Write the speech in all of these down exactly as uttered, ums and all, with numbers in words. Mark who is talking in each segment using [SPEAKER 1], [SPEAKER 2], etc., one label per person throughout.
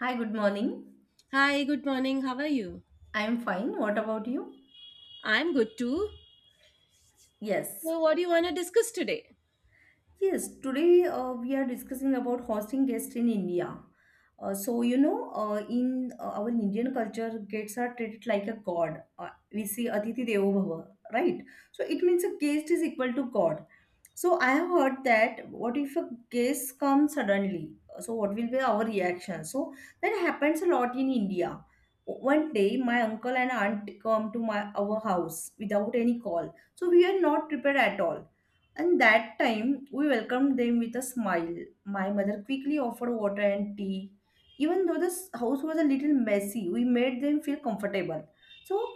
[SPEAKER 1] Hi, good morning.
[SPEAKER 2] Hi, good morning. How are you?
[SPEAKER 1] I'm fine. What about you?
[SPEAKER 2] I'm good too.
[SPEAKER 1] Yes.
[SPEAKER 2] So, what do you want to discuss today?
[SPEAKER 1] Yes, today uh, we are discussing about hosting guests in India. Uh, so you know, uh, in uh, our Indian culture, guests are treated like a god. Uh, we say Aditi Devo Bhava, right? So it means a guest is equal to God. So I have heard that what if a guest comes suddenly? So what will be our reaction? So that happens a lot in India. One day, my uncle and aunt come to my our house without any call. So we are not prepared at all, and that time we welcomed them with a smile. My mother quickly offered water and tea. Even though this house was a little messy, we made them feel comfortable. So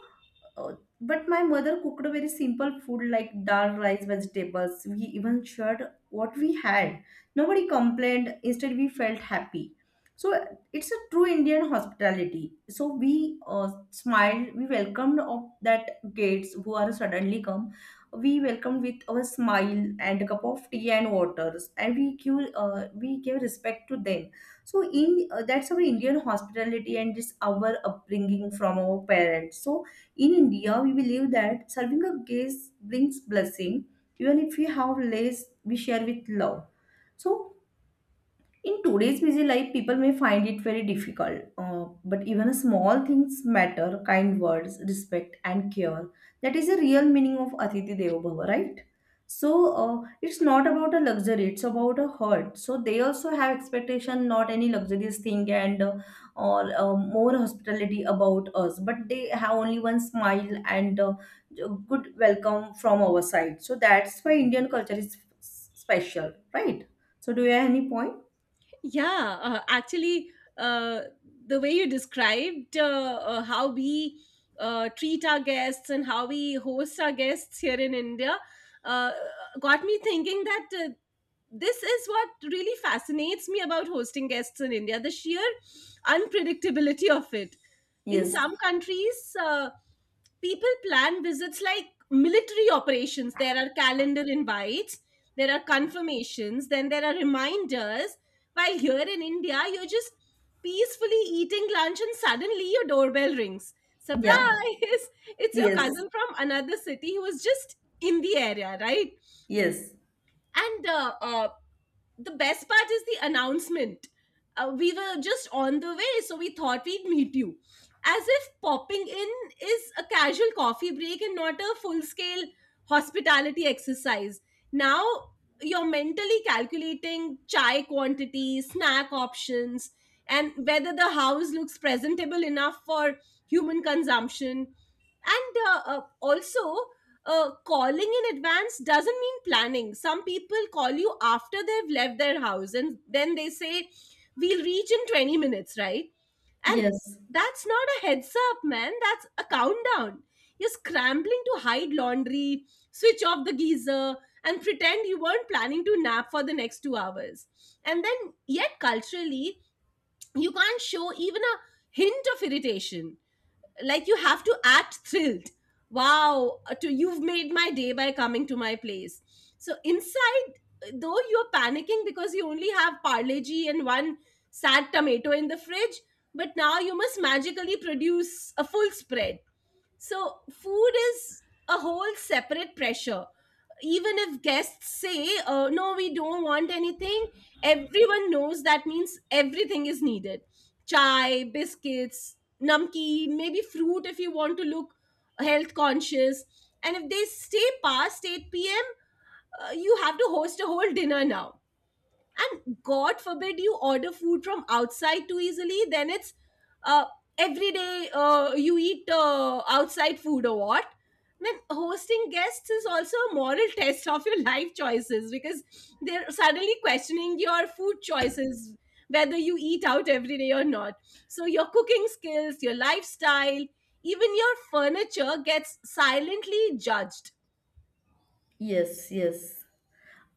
[SPEAKER 1] uh, but my mother cooked a very simple food like dal, rice, vegetables. We even shared what we had. Nobody complained. Instead, we felt happy. So it's a true Indian hospitality. So we uh, smiled. We welcomed up that guests who are suddenly come. We welcomed with our smile and a cup of tea and waters, and we give uh, we give respect to them. So in uh, That's our Indian hospitality, and it's our upbringing from our parents. So in India, we believe that serving a guest brings blessing, even if we have less we share with love. So in today's busy life, people may find it very difficult, uh, but even small things matter kind words, respect, and care. That is the real meaning of Atiti Devo Bhava, right? So uh, it's not about a luxury, it's about a heart. So they also have expectation, not any luxurious thing and uh, or uh, more hospitality about us, but they have only one smile and uh, good welcome from our side. So that's why Indian culture is s- special, right? So do you have any point?
[SPEAKER 2] Yeah, uh, actually, uh, the way you described uh, uh, how we uh, treat our guests and how we host our guests here in India, uh, got me thinking that, uh, this is what really fascinates me about hosting guests in India: the sheer unpredictability of it. In
[SPEAKER 1] Yes.
[SPEAKER 2] some countries, uh, people plan visits like military operations. There are calendar invites, there are confirmations, then there are reminders. While here in India, you're just peacefully eating lunch and suddenly your doorbell rings. Surprise!
[SPEAKER 1] Yeah.
[SPEAKER 2] It's your
[SPEAKER 1] Yes.
[SPEAKER 2] cousin from another city who was just in the area, right?
[SPEAKER 1] Yes.
[SPEAKER 2] And uh, uh, the best part is the announcement. Uh, we were just on the way, so we thought we'd meet you. As if popping in is a casual coffee break and not a full scale hospitality exercise. Now you're mentally calculating chai quantity, snack options, and whether the house looks presentable enough for human consumption. And uh, uh, also, uh, calling in advance doesn't mean planning. Some people call you after they've left their house and then they say, "We'll reach in 20 minutes," right? And
[SPEAKER 1] Yes.
[SPEAKER 2] that's not a heads up, man. That's a countdown. You're scrambling to hide laundry, switch off the geyser, and pretend you weren't planning to nap for the next two hours. And then, yet culturally, you can't show even a hint of irritation, like you have to act thrilled. Wow, uh, to, you've made my day by coming to my place. So inside, though, you're panicking because you only have parle and one sad tomato in the fridge. But now you must magically produce a full spread. So food is a whole separate pressure. Even if guests say, uh, no, we don't want anything, everyone knows that means everything is needed: chai, biscuits, namkeen, maybe fruit if you want to look health conscious. And if they stay past eight p m., uh, you have to host a whole dinner now. And god forbid you order food from outside too easily, then it's, uh, every day uh, you eat uh, outside food, or what? Then hosting guests is also a moral test of your life choices, because they're suddenly questioning your food choices, whether you eat out every day or not. So your cooking skills, your lifestyle, even your furniture gets silently judged.
[SPEAKER 1] Yes, yes.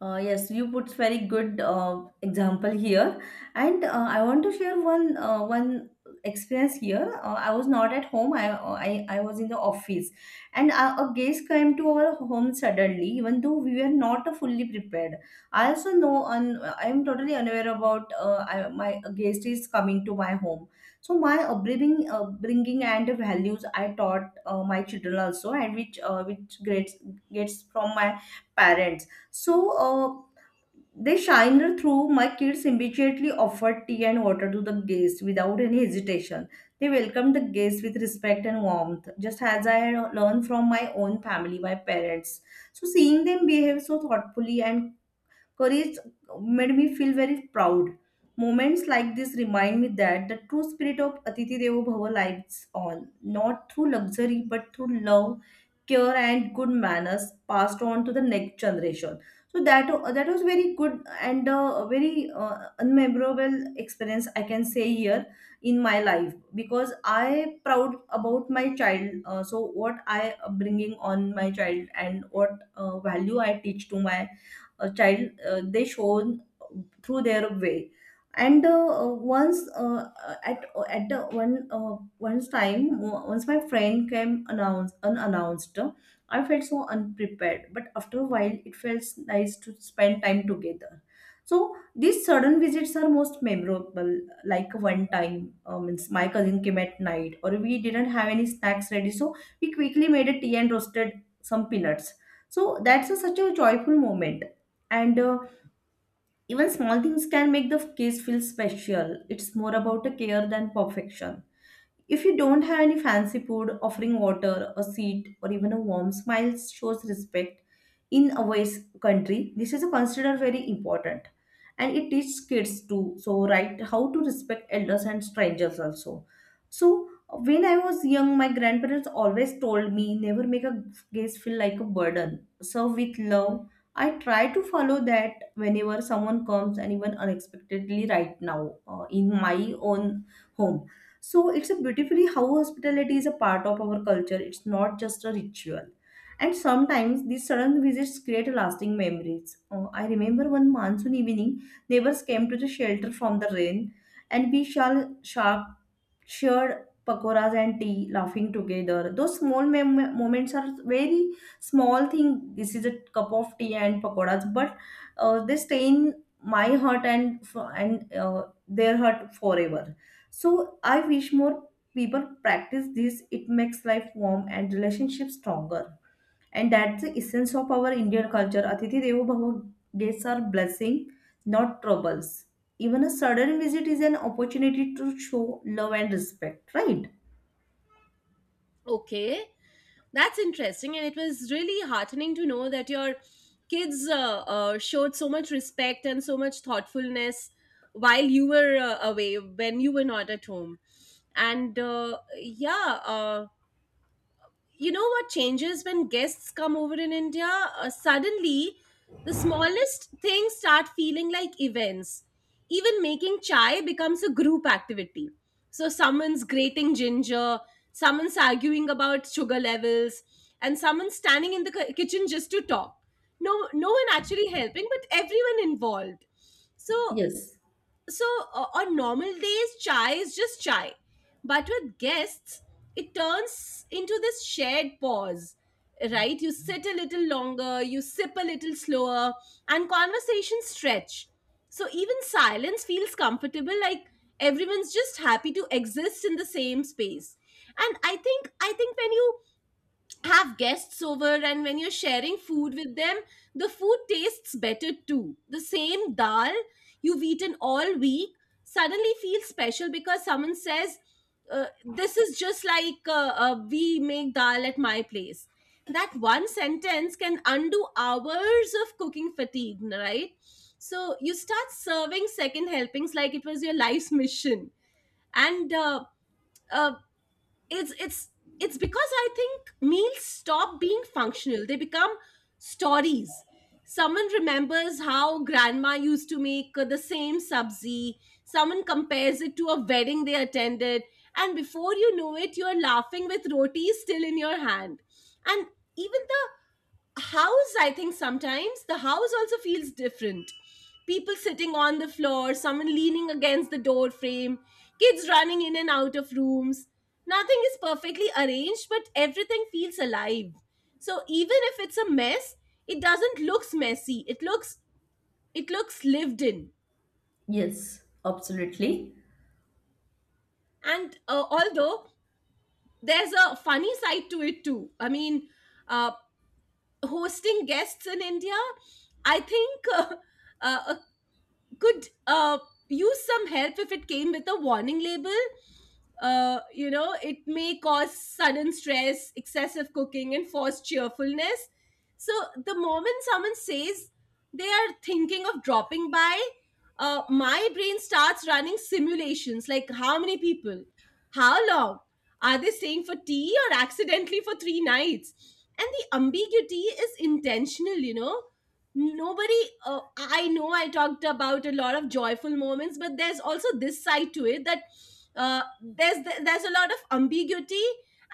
[SPEAKER 1] Uh, yes, you put very good uh, example here, and uh, I want to share one uh, one experience here. Uh, I was not at home. I, uh, I I was in the office, and a, a guest came to our home suddenly. Even though we were not fully prepared, I also know and I am totally unaware about uh, I, my guest is coming to my home. So my upbringing, upbringing and values I taught uh, my children also, and which uh, which grades gets from my parents. So uh, they shiner through. My kids immediately offered tea and water to the guests without any hesitation. They welcomed the guests with respect and warmth, just as I had learned from my own family, my parents. So seeing them behave so thoughtfully and courage made me feel very proud. Moments like this remind me that the true spirit of Atiti Devo Bhava lives on, not through luxury but through love, care, and good manners passed on to the next generation. So that that was very good and a very uh, unmemorable experience I can say here in my life because I proud about my child. Uh, so what I bringing on my child and what uh, value I teach to my a child uh, they shown through their way, and uh, uh, once uh, uh, at at the one uh, once time o- once my friend came announced unannounced. I felt so unprepared, but after a while it felt nice to spend time together. So these sudden visits are most memorable. Like one time, uh, means my cousin came at night or we didn't have any snacks ready, so we quickly made a tea and roasted some peanuts. So that's a, such a joyful moment. And uh, even small things can make the case feel special. It's more about a care than perfection. If you don't have any fancy food, offering water, a seat, or even a warm smile shows respect in a ways country. This is considered very important. And it teaches kids to so right how to respect elders and strangers also. So when I was young, my grandparents always told me never make a guest feel like a burden. Serve with love. I try to follow that whenever someone comes and even unexpectedly right now uh, in my own home. So it's a beautifully how hospitality is a part of our culture. It's not just a ritual. And sometimes these sudden visits create lasting memories. Uh, I remember one monsoon evening, neighbors came to the shelter from the rain, and we shall sharp, shared pakoras and tea, laughing together. Those small mem- moments are very small thing. This is a cup of tea and pakoras, but uh, they stay in my heart and f- and uh, their heart forever. So I wish more people practice this. It makes life warm and relationships stronger. And that's the essence of our Indian culture. Atithi Devo Bhava guests are blessing, not troubles. Even a sudden visit is an opportunity to show love and respect, right?
[SPEAKER 2] Okay. That's interesting, and it was really heartening to know that your kids uh, uh, showed so much respect and so much thoughtfulness while you were uh, away, when you were not at home. And, uh, yeah, uh, you know what changes when guests come over in India? Uh, suddenly, the smallest things start feeling like events. Even making chai becomes a group activity. So, someone's grating ginger, someone's arguing about sugar levels, and someone's standing in the ki- kitchen just to talk. No, no one actually helping, but everyone involved. So,
[SPEAKER 1] Yes,
[SPEAKER 2] so uh, on normal days chai is just chai, but with guests it turns into this shared pause. Right, you sit a little longer, you sip a little slower, and conversations stretch. So even silence feels comfortable, like everyone's just happy to exist in the same space. And i think i think when you have guests over and when you're sharing food with them, the food tastes better too. The same dal you've eaten all week suddenly feels special because someone says, uh, "This is just like, uh, uh, we make dal at my place." That one sentence can undo hours of cooking fatigue, right? So you start serving second helpings like it was your life's mission. And uh, uh, it's it's it's because I think meals stop being functional, they become stories. Someone remembers how grandma used to make, uh, the same sabzi. Someone compares it to a wedding they attended, and before you know it you're laughing with roti still in your hand. And even the house, I think sometimes the house also feels different. People sitting on the floor, someone leaning against the door frame, kids running in and out of rooms. Nothing is perfectly arranged, but everything feels alive. So even if it's a mess, it doesn't looks messy. It looks, it looks lived in.
[SPEAKER 1] yes, absolutely.
[SPEAKER 2] And, uh, although there's a funny side to it too. I mean, uh, hosting guests in India, I think, uh, uh, could, uh, use some help if it came with a warning label. Uh, you know, it may cause sudden stress, excessive cooking, and forced cheerfulness. So, the moment someone says they are thinking of dropping by, uh, my brain starts running simulations, like how many people, how long, are they staying for tea or accidentally for three nights? And the ambiguity is intentional. You know, nobody, uh, I know I talked about a lot of joyful moments, but there's also this side to it that, uh, there's there's a lot of ambiguity.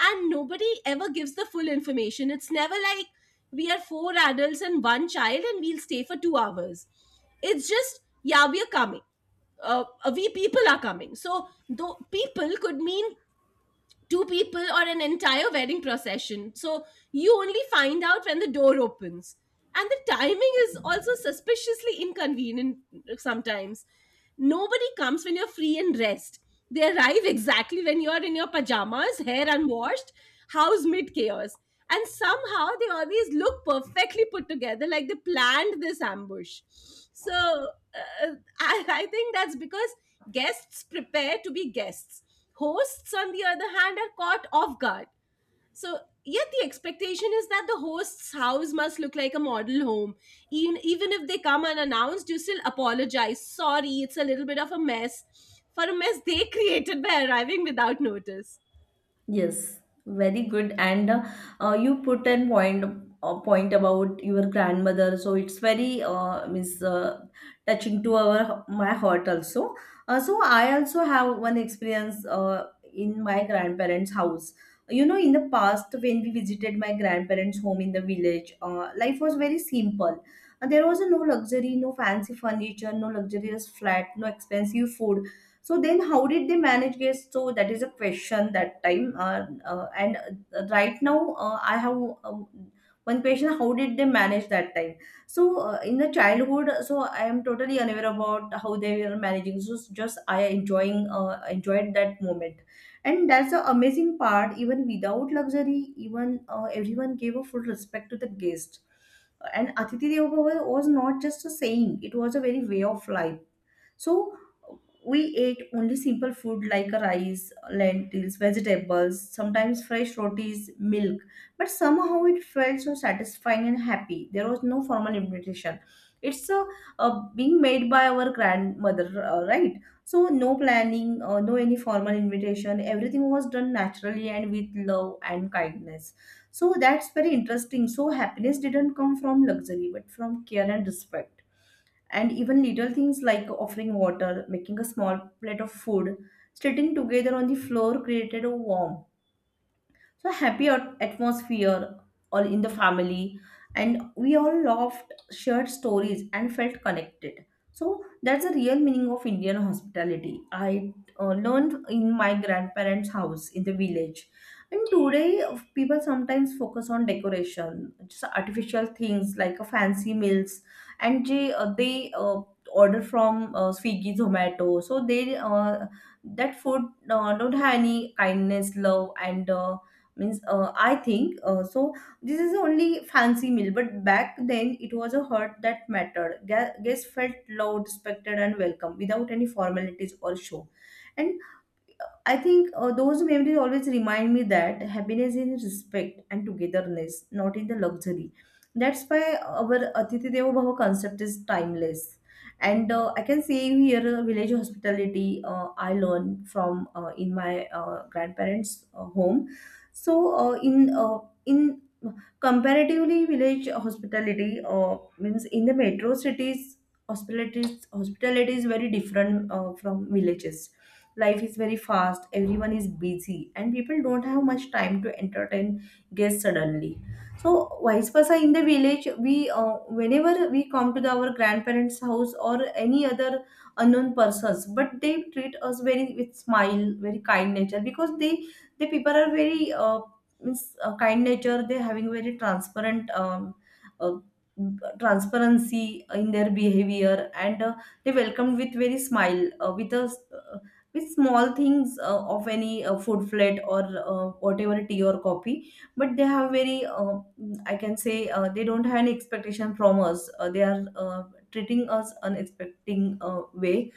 [SPEAKER 2] And nobody ever gives the full information. It's never like, "We are four adults and one child and we'll stay for two hours." It's just, "Yeah, we are coming." Uh, uh, we people are coming, so though people could mean two people or an entire wedding procession. So you only find out when the door opens. And the timing is also suspiciously inconvenient sometimes. Nobody comes when you're free and rest. They arrive exactly when you're in your pajamas, hair unwashed, house mid chaos. And somehow they always look perfectly put together, like they planned this ambush. So, uh, I, I think that's because guests prepare to be guests. Hosts, on the other hand, are caught off guard. So, yet the expectation is that the host's house must look like a model home. Even, even if they come unannounced, you still apologize: "Sorry, it's a little bit of a mess," for a mess they created by arriving without notice.
[SPEAKER 1] Yes, very good. And uh, uh, you put a point a point about your grandmother, so it's very uh, means uh, touching to our my heart also. Uh, so I also have one experience uh, in my grandparents' house. You know, in the past when we visited my grandparents' home in the village, uh, life was very simple. Uh, there was no luxury, no fancy furniture, no luxurious flat, no expensive food, so then, how did they manage guests? So that is a question that time. Uh, uh, and uh, Right now, uh, I have um, one question: how did they manage that time? So uh, in the childhood, so I am totally unaware about how they were managing. So just I enjoying uh, enjoyed that moment, and that's the amazing part. Even without luxury, even uh, everyone gave a full respect to the guest. And Atiti Deva Bhava was not just a saying; it was a very way of life. So we ate only simple food like rice, lentils, vegetables, sometimes fresh rotis, milk, but somehow it felt so satisfying and happy. There was no formal invitation. It's a, uh being made by our grandmother, uh, right? So no planning, uh, no any formal invitation, everything was done naturally and with love and kindness. So that's very interesting. So happiness didn't come from luxury but from care and respect. And even little things like offering water, making a small plate of food, sitting together on the floor created a warmth, so happy at- atmosphere all in the family. And we all laughed, shared stories and felt connected. So that's the real meaning of Indian hospitality I uh, learned in my grandparents house in the village. And today uh, people sometimes focus on decoration, just artificial things like uh, fancy meals, and they, uh, they uh, order from uh, Swiggy, Zomato. So they uh, that food uh, don't have any kindness, love, and uh, means uh, I think, uh, so this is only fancy meal. But back then it was a heart that mattered. Gu- guests felt loved, respected and welcome without any formalities or show. And I think uh, those memories always remind me that happiness is in respect and togetherness, not in the luxury. That's why our Atithi Devo Bhava concept is timeless. And uh, I can say here, uh, village hospitality, uh, I learned from uh, in my uh, grandparents' uh, home. So uh, in uh, in Comparatively, village hospitality uh, means in the metro cities, hospitality hospitality is very different uh, from villages. Life is very fast, everyone is busy, and people don't have much time to entertain guests suddenly. So, vice versa, in the village, we uh, whenever we come to the, our grandparents' house or any other unknown persons, but they treat us very with smile, very kind nature because they the people are very uh, means uh, kind nature they're having very transparent um, uh, transparency in their behavior and uh, they welcomed with very smile uh, with a s- uh, with small things uh, of any uh, food plate or uh, whatever tea or coffee but they have very uh, I can say uh, they don't have any expectation from us uh, they are uh, treating us unexpecting uh, way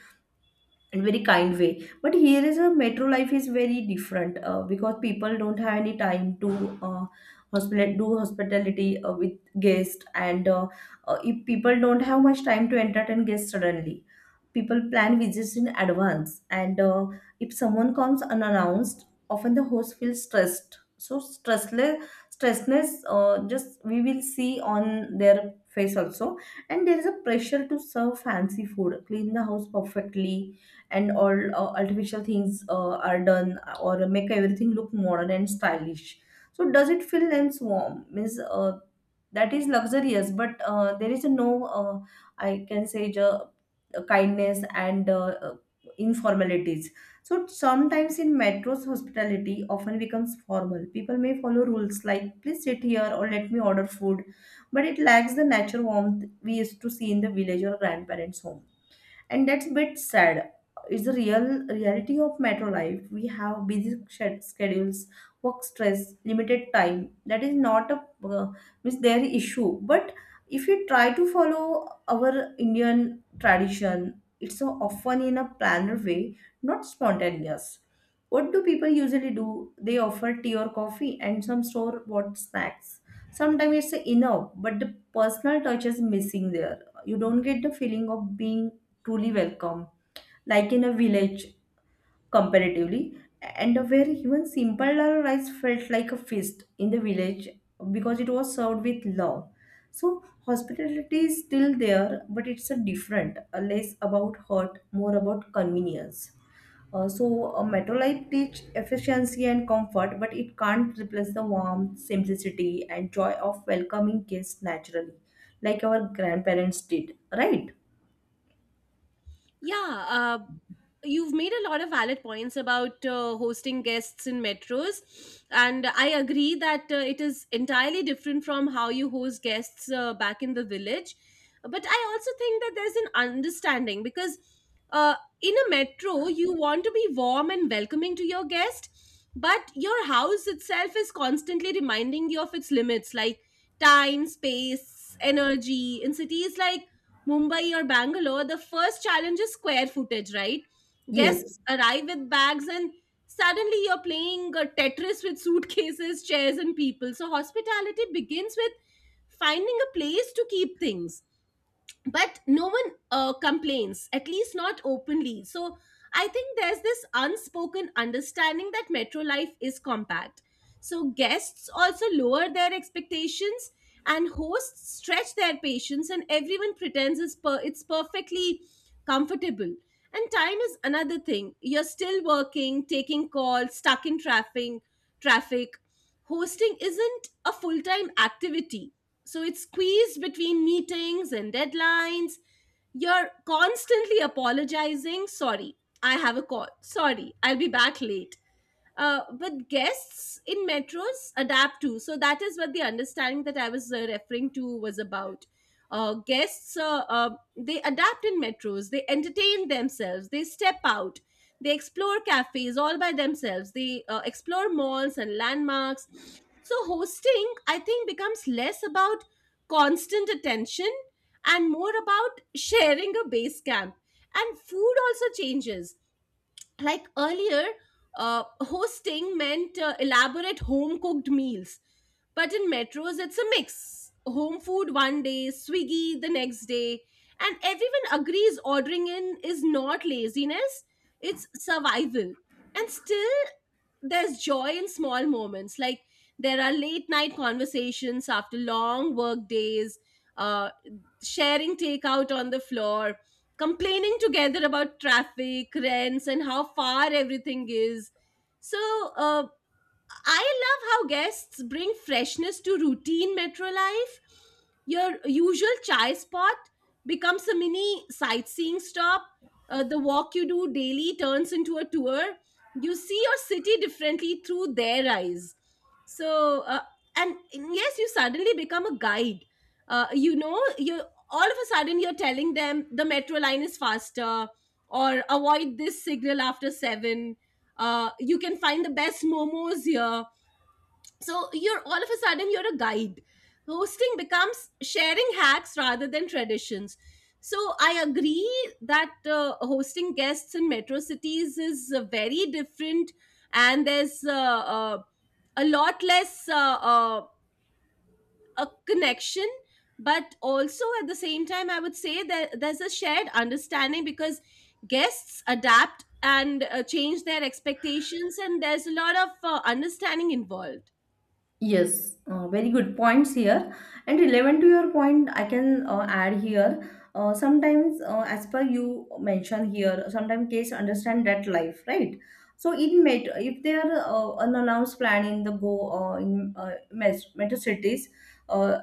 [SPEAKER 1] in very kind way. But here is a metro life is very different uh, because people don't have any time to uh, hospital do hospitality uh, with guests and uh, uh, if people don't have much time to entertain guests suddenly, people plan visits in advance, and uh, if someone comes unannounced, often the host feels stressed. So stressless stressness uh, just we will see on their face also. And there is a pressure to serve fancy food, clean the house perfectly, and all uh, artificial things uh, are done or make everything look modern and stylish. So does it feel lens warm? Means uh, That is luxurious, but uh, there is no uh, I can say ju- kindness and uh, uh, informalities. So sometimes in metros, hospitality often becomes formal. People may follow rules like please sit here or let me order food, but it lacks the natural warmth we used to see in the village or grandparents' home, and that's a bit sad. It's the real reality of metro life. We have busy shed- schedules, work stress, limited time. That is not a uh, means their issue, but if you try to follow our Indian tradition, it's so often in a planned way, not spontaneous. What do people usually do? They offer tea or coffee and some store bought snacks. Sometimes it's enough, but the personal touch is missing there. You don't get the feeling of being truly welcome, like in a village comparatively, and where even simple dal rice felt like a feast in the village because it was served with love. So hospitality is still there, but it's a different, a less about hurt, more about convenience. Uh, so a metro life teach efficiency and comfort, but it can't replace the warmth, simplicity, and joy of welcoming guests naturally, like our grandparents did, right?
[SPEAKER 2] Yeah, uh, you've made a lot of valid points about, uh, hosting guests in metros, and I agree that, uh, it is entirely different from how you host guests, uh, back in the village. But I also think that there's an understanding because, uh, in a metro, you want to be warm and welcoming to your guest, but your house itself is constantly reminding you of its limits, like time, space, energy. In cities like Mumbai or Bangalore, the first challenge is square footage, right?
[SPEAKER 1] Yes.
[SPEAKER 2] Guests arrive with bags and suddenly you're playing, uh, Tetris with suitcases, chairs, and people. So hospitality begins with finding a place to keep things. But no one, uh, complains, at least not openly. So I think there's this unspoken understanding that metro life is compact. So guests also lower their expectations, and hosts stretch their patience, and everyone pretends it's, per- it's perfectly comfortable. And time is another thing. You're still working, taking calls, stuck in traffic traffic Hosting isn't a full-time activity, so it's squeezed between meetings and deadlines. You're constantly apologizing: "Sorry, I have a call." "Sorry, I'll be back late." Uh, but guests in metros adapt too. So that is what the understanding that I was, uh, referring to was about. Uh, guests uh, uh, they adapt in metros. They entertain themselves. They step out. They explore cafes all by themselves. They, uh, explore malls and landmarks. So hosting, I think, becomes less about constant attention and more about sharing a base camp. And food also changes. Like earlier, uh, hosting meant, uh, elaborate home cooked meals, but in metros it's a mix: home food one day, swiggy the next day, and everyone agrees ordering in is not laziness, it's survival. And still there's joy in small moments, like there are late night conversations after long work days, uh, sharing takeout on the floor, complaining together about traffic, rents, and how far everything is. So, uh, I love how guests bring freshness to routine metro life. Your usual chai spot becomes a mini sightseeing stop. Uh, the walk you do daily turns into a tour. You see your city differently through their eyes. So, uh, and yes, you suddenly become a guide. Uh, you know, you all of a sudden you're telling them the metro line is faster or avoid this signal after seven, uh, you can find the best momos here. So you're all of a sudden you're a guide. Hosting becomes sharing hacks rather than traditions. So I agree that uh, hosting guests in metro cities is uh, very different, and there's uh, uh, a lot less uh, uh, a connection. But also at the same time I would say that there's a shared understanding because guests adapt and uh, change their expectations, and there's a lot of uh, understanding involved.
[SPEAKER 1] Yes, uh, very good points here. And relevant to your point, I can uh, add here. Uh, sometimes, uh, as per you mentioned here, sometimes kids understand that life, right? So in met if they are uh, unannounced planning the go uh, in uh, met- metro cities, uh,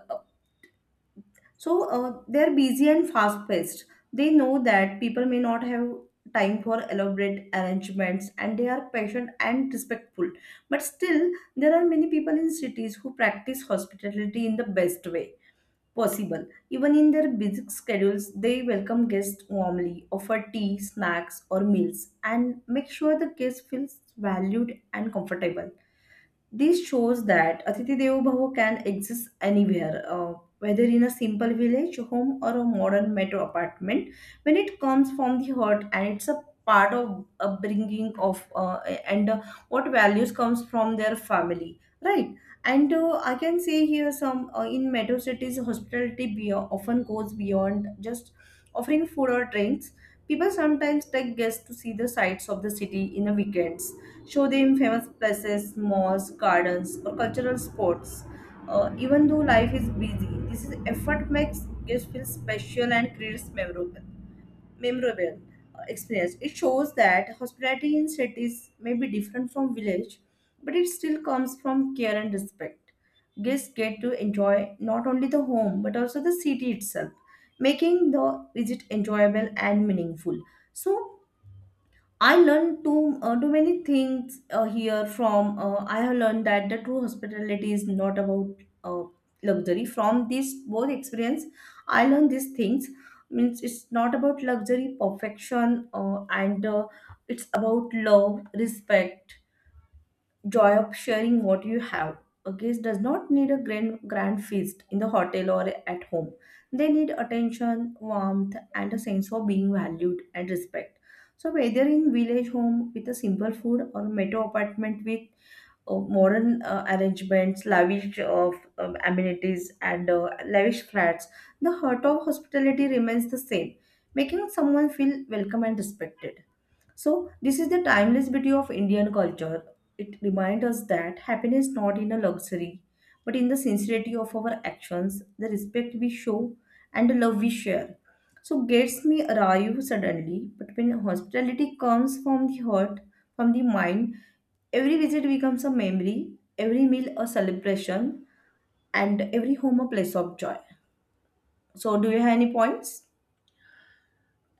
[SPEAKER 1] so uh, they're busy and fast paced. They know that people may not have time for elaborate arrangements and they are patient and respectful. But still, there are many people in cities who practice hospitality in the best way possible. Even in their busy schedules, they welcome guests warmly, offer tea, snacks, or meals, and make sure the guest feels valued and comfortable. This shows that atithi Devo Bhava can exist anywhere, uh, whether in a simple village home or a modern metro apartment. When it comes from the heart and it's a part of upbringing of uh, and uh, what values comes from their family, right? And uh, I can say here some uh, in metro cities, hospitality be- often goes beyond just offering food or drinks. People sometimes take guests to see the sights of the city in a weekends, show them famous places, malls, gardens, or cultural spots. Uh, even though life is busy, this is effort makes guests feel special and creates memorable, memorable uh, experience. It shows that hospitality in cities may be different from village, but it still comes from care and respect. Guests get to enjoy not only the home but also the city itself, making the visit enjoyable and meaningful. So I learned too uh, too many things uh, here from uh, I have learned that the true hospitality is not about uh, luxury. From this both experience, I learned these things. Means it's not about luxury, perfection, uh, and uh, it's about love, respect, joy of sharing what you have. A guest does not need a grand, grand feast in the hotel or at home. They need attention, warmth, and a sense of being valued and respect. So, whether in village home with a simple food or metro apartment with uh, modern uh, arrangements, lavish of um, amenities, and uh, lavish flats, the heart of hospitality remains the same, making someone feel welcome and respected. So this is the timeless beauty of Indian culture. It reminds us that happiness not in a luxury, but in the sincerity of our actions, the respect we show, and the love we share. So gates may arrive suddenly, but when hospitality comes from the heart, from the mind, every visit becomes a memory, every meal a celebration, and every home a place of joy. So do you have any points?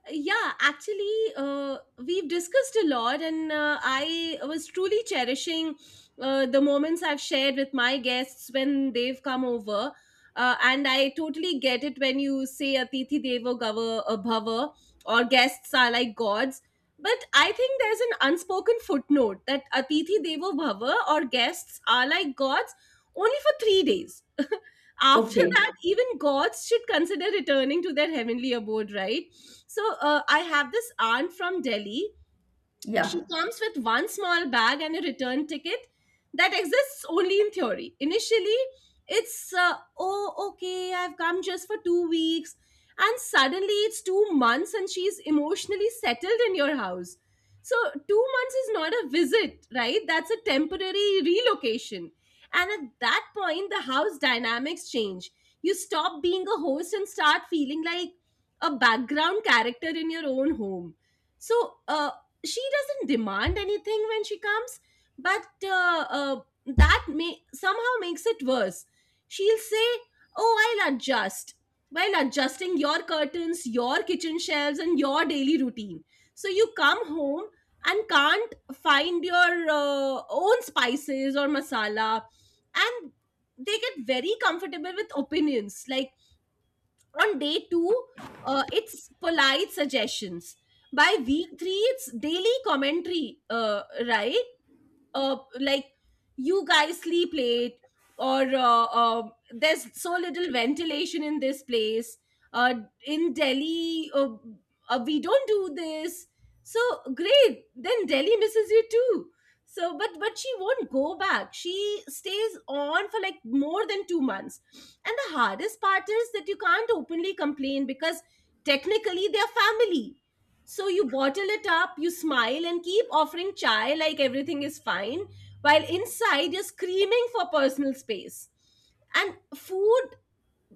[SPEAKER 2] Yeah, actually, uh, we've discussed a lot, and uh, I was truly cherishing uh, the moments I've shared with my guests when they've come over. Uh, and I totally get it when you say atithi devo gava uh, bhava, or guests are like gods. But I think there's an unspoken footnote that atithi devo bhava, or guests are like gods, only for three days after
[SPEAKER 1] Okay.
[SPEAKER 2] that, even gods should consider returning to their heavenly abode, right? So uh, I have this aunt from Delhi. She
[SPEAKER 1] Yeah.
[SPEAKER 2] comes with one small bag and a return ticket that exists only in theory. Initially, it's, uh, oh, okay, I've come just for two weeks. And suddenly it's two months and she's emotionally settled in your house. So, two months is not a visit, right? That's a temporary relocation. And at that point, the house dynamics change. You stop being a host and start feeling like a background character in your own home. So, uh, she doesn't demand anything when she comes, but uh, uh, that may somehow makes it worse. She'll say, oh, I'll adjust, while adjusting your curtains, your kitchen shelves, and your daily routine. So you come home and can't find your uh, own spices or masala. And they get very comfortable with opinions. Like, on day two, uh, it's polite suggestions. By week three, it's daily commentary, uh, right. Uh, like, you guys sleep late, or uh, um there's so little ventilation in this place. uh, in Delhi, uh, uh, we don't do this. So, great, then Delhi misses you too. So but but she won't go back. She stays on for like more than two months. And the hardest part is that you can't openly complain because technically they're family. So you bottle it up, you smile, and keep offering chai like everything is fine, while inside you're screaming for personal space. And food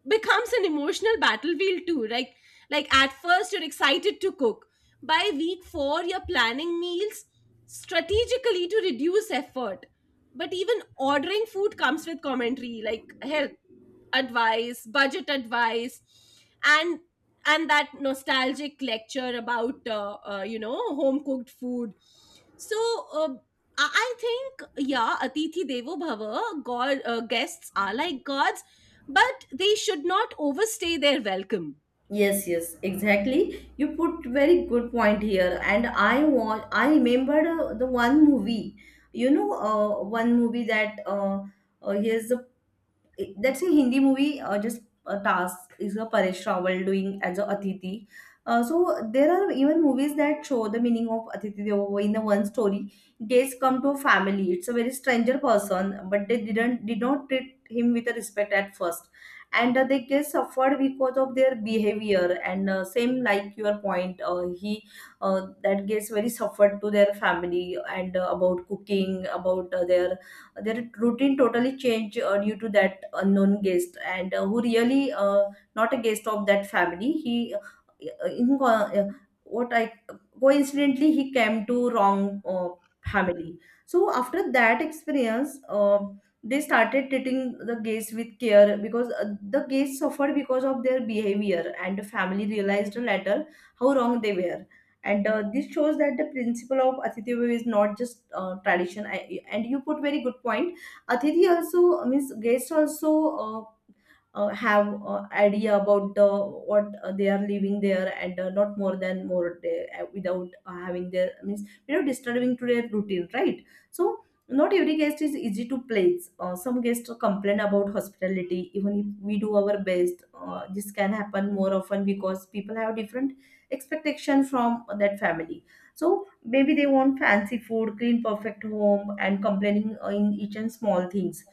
[SPEAKER 2] becomes an emotional battlefield too. Like, like at first you're excited to cook. By week four, you're planning meals strategically to reduce effort. But even ordering food comes with commentary, like health advice, budget advice, and and that nostalgic lecture about uh, uh, you know home cooked food. So, uh, i I think, yeah, atithi devo bhava, god, uh, guests are like gods, but they should not overstay their welcome.
[SPEAKER 1] Yes, yes, exactly. You put very good point here, and I want I remembered uh, the one movie. You know, uh, one movie that uh, uh, here's that's a Hindi movie. Uh, just a task is a Paresh Rawal doing as a Atiti. Uh, so there are even movies that show the meaning of Atiti Devo in the one story. Guests come to a family. It's a very stranger person, but they didn't did not treat him with a respect at first, and uh, they get suffered because of their behavior. And uh, same like your point, uh, he uh, that gets very suffered to their family and uh, about cooking, about uh, their their routine totally changed uh, due to that unknown guest and uh, who really uh, not a guest of that family he uh, in, uh, what I coincidentally he came to wrong uh, family. So after that experience uh, they started treating the guests with care because uh, the guests suffered because of their behavior and the family realized later how wrong they were. And uh, this shows that the principle of atithi Devo is not just uh, tradition I, and you put very good point, atithi also means guest also uh, uh, have uh, idea about the what uh, they are living there and uh, not more than more day uh, without uh, having their means you know disturbing to their routine, right? So not every guest is easy to place. Uh, some guests complain about hospitality even if we do our best. Uh, this can happen more often because people have different expectation from that family. So maybe they want fancy food, clean perfect home, and complaining uh, in each and small things.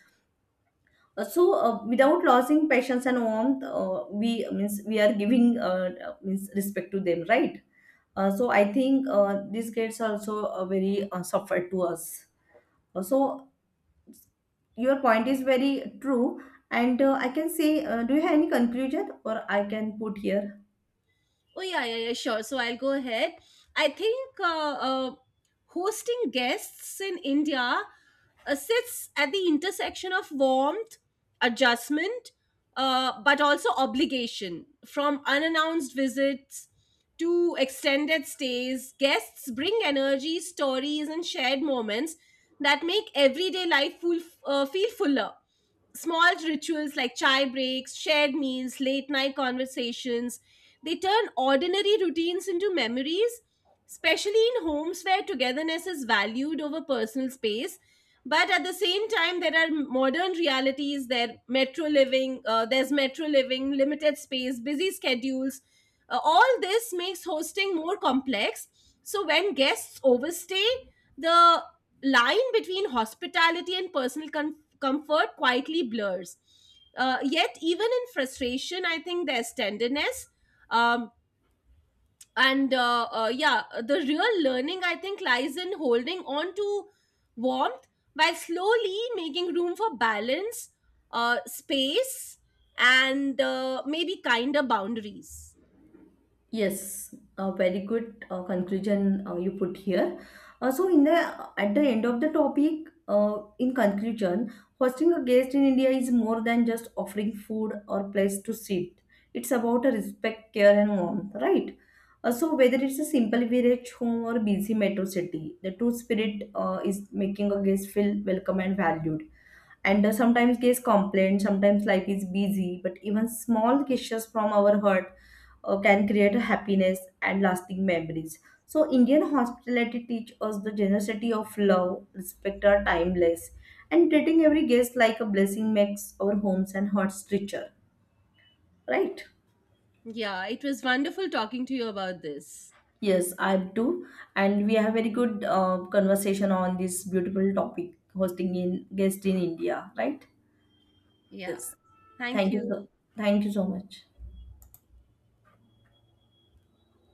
[SPEAKER 1] uh, so uh, Without losing patience and warmth, uh, we means we are giving uh, means respect to them, right? Uh, so I think uh, these kids also uh, very uh, suffer to us. Uh, so your point is very true. And uh, I can say uh, do you have any conclusion or I can put here?
[SPEAKER 2] Oh yeah, yeah, yeah, sure. So I'll go ahead. I think uh, uh, hosting guests in India uh, sits at the intersection of warmth, adjustment, uh, but also obligation. From unannounced visits to extended stays, guests bring energy, stories, and shared moments that make everyday life full, uh, feel fuller. Small rituals like chai breaks, shared meals, late night conversations, they turn ordinary routines into memories, especially in homes where togetherness is valued over personal space. But at the same time, there are modern realities. There metro living, uh, there's metro living, limited space, busy schedules. Uh, all this makes hosting more complex. So when guests overstay, the line between hospitality and personal com- comfort quietly blurs. Uh, yet, even in frustration, I think there's tenderness. Um, and uh, uh, Yeah, the real learning, I think, lies in holding on to warmth while slowly making room for balance, uh, space, and uh, maybe kinder boundaries.
[SPEAKER 1] Yes, a very good uh, conclusion uh, you put here. Uh, so, in the at the end of the topic, uh, in conclusion, hosting a guest in India is more than just offering food or place to sit. It's about a respect, care, and warmth, right? Uh, so, whether it's a simple village home or busy metro city, the true spirit uh, is making a guest feel welcome and valued. And uh, sometimes guests complain, sometimes life is busy, but even small gestures from our heart uh, can create happiness and lasting memories. So, Indian hospitality teaches us the generosity of love, respect are timeless, and treating every guest like a blessing makes our homes and hearts richer, right?
[SPEAKER 2] Yeah, it was wonderful talking to you about this.
[SPEAKER 1] Yes, I do. And we have very good uh, conversation on this beautiful topic, hosting in guest in India, right?
[SPEAKER 2] Yeah,
[SPEAKER 1] Yes.
[SPEAKER 2] thank
[SPEAKER 1] Thank you.
[SPEAKER 2] you.
[SPEAKER 1] so- Thank you so much.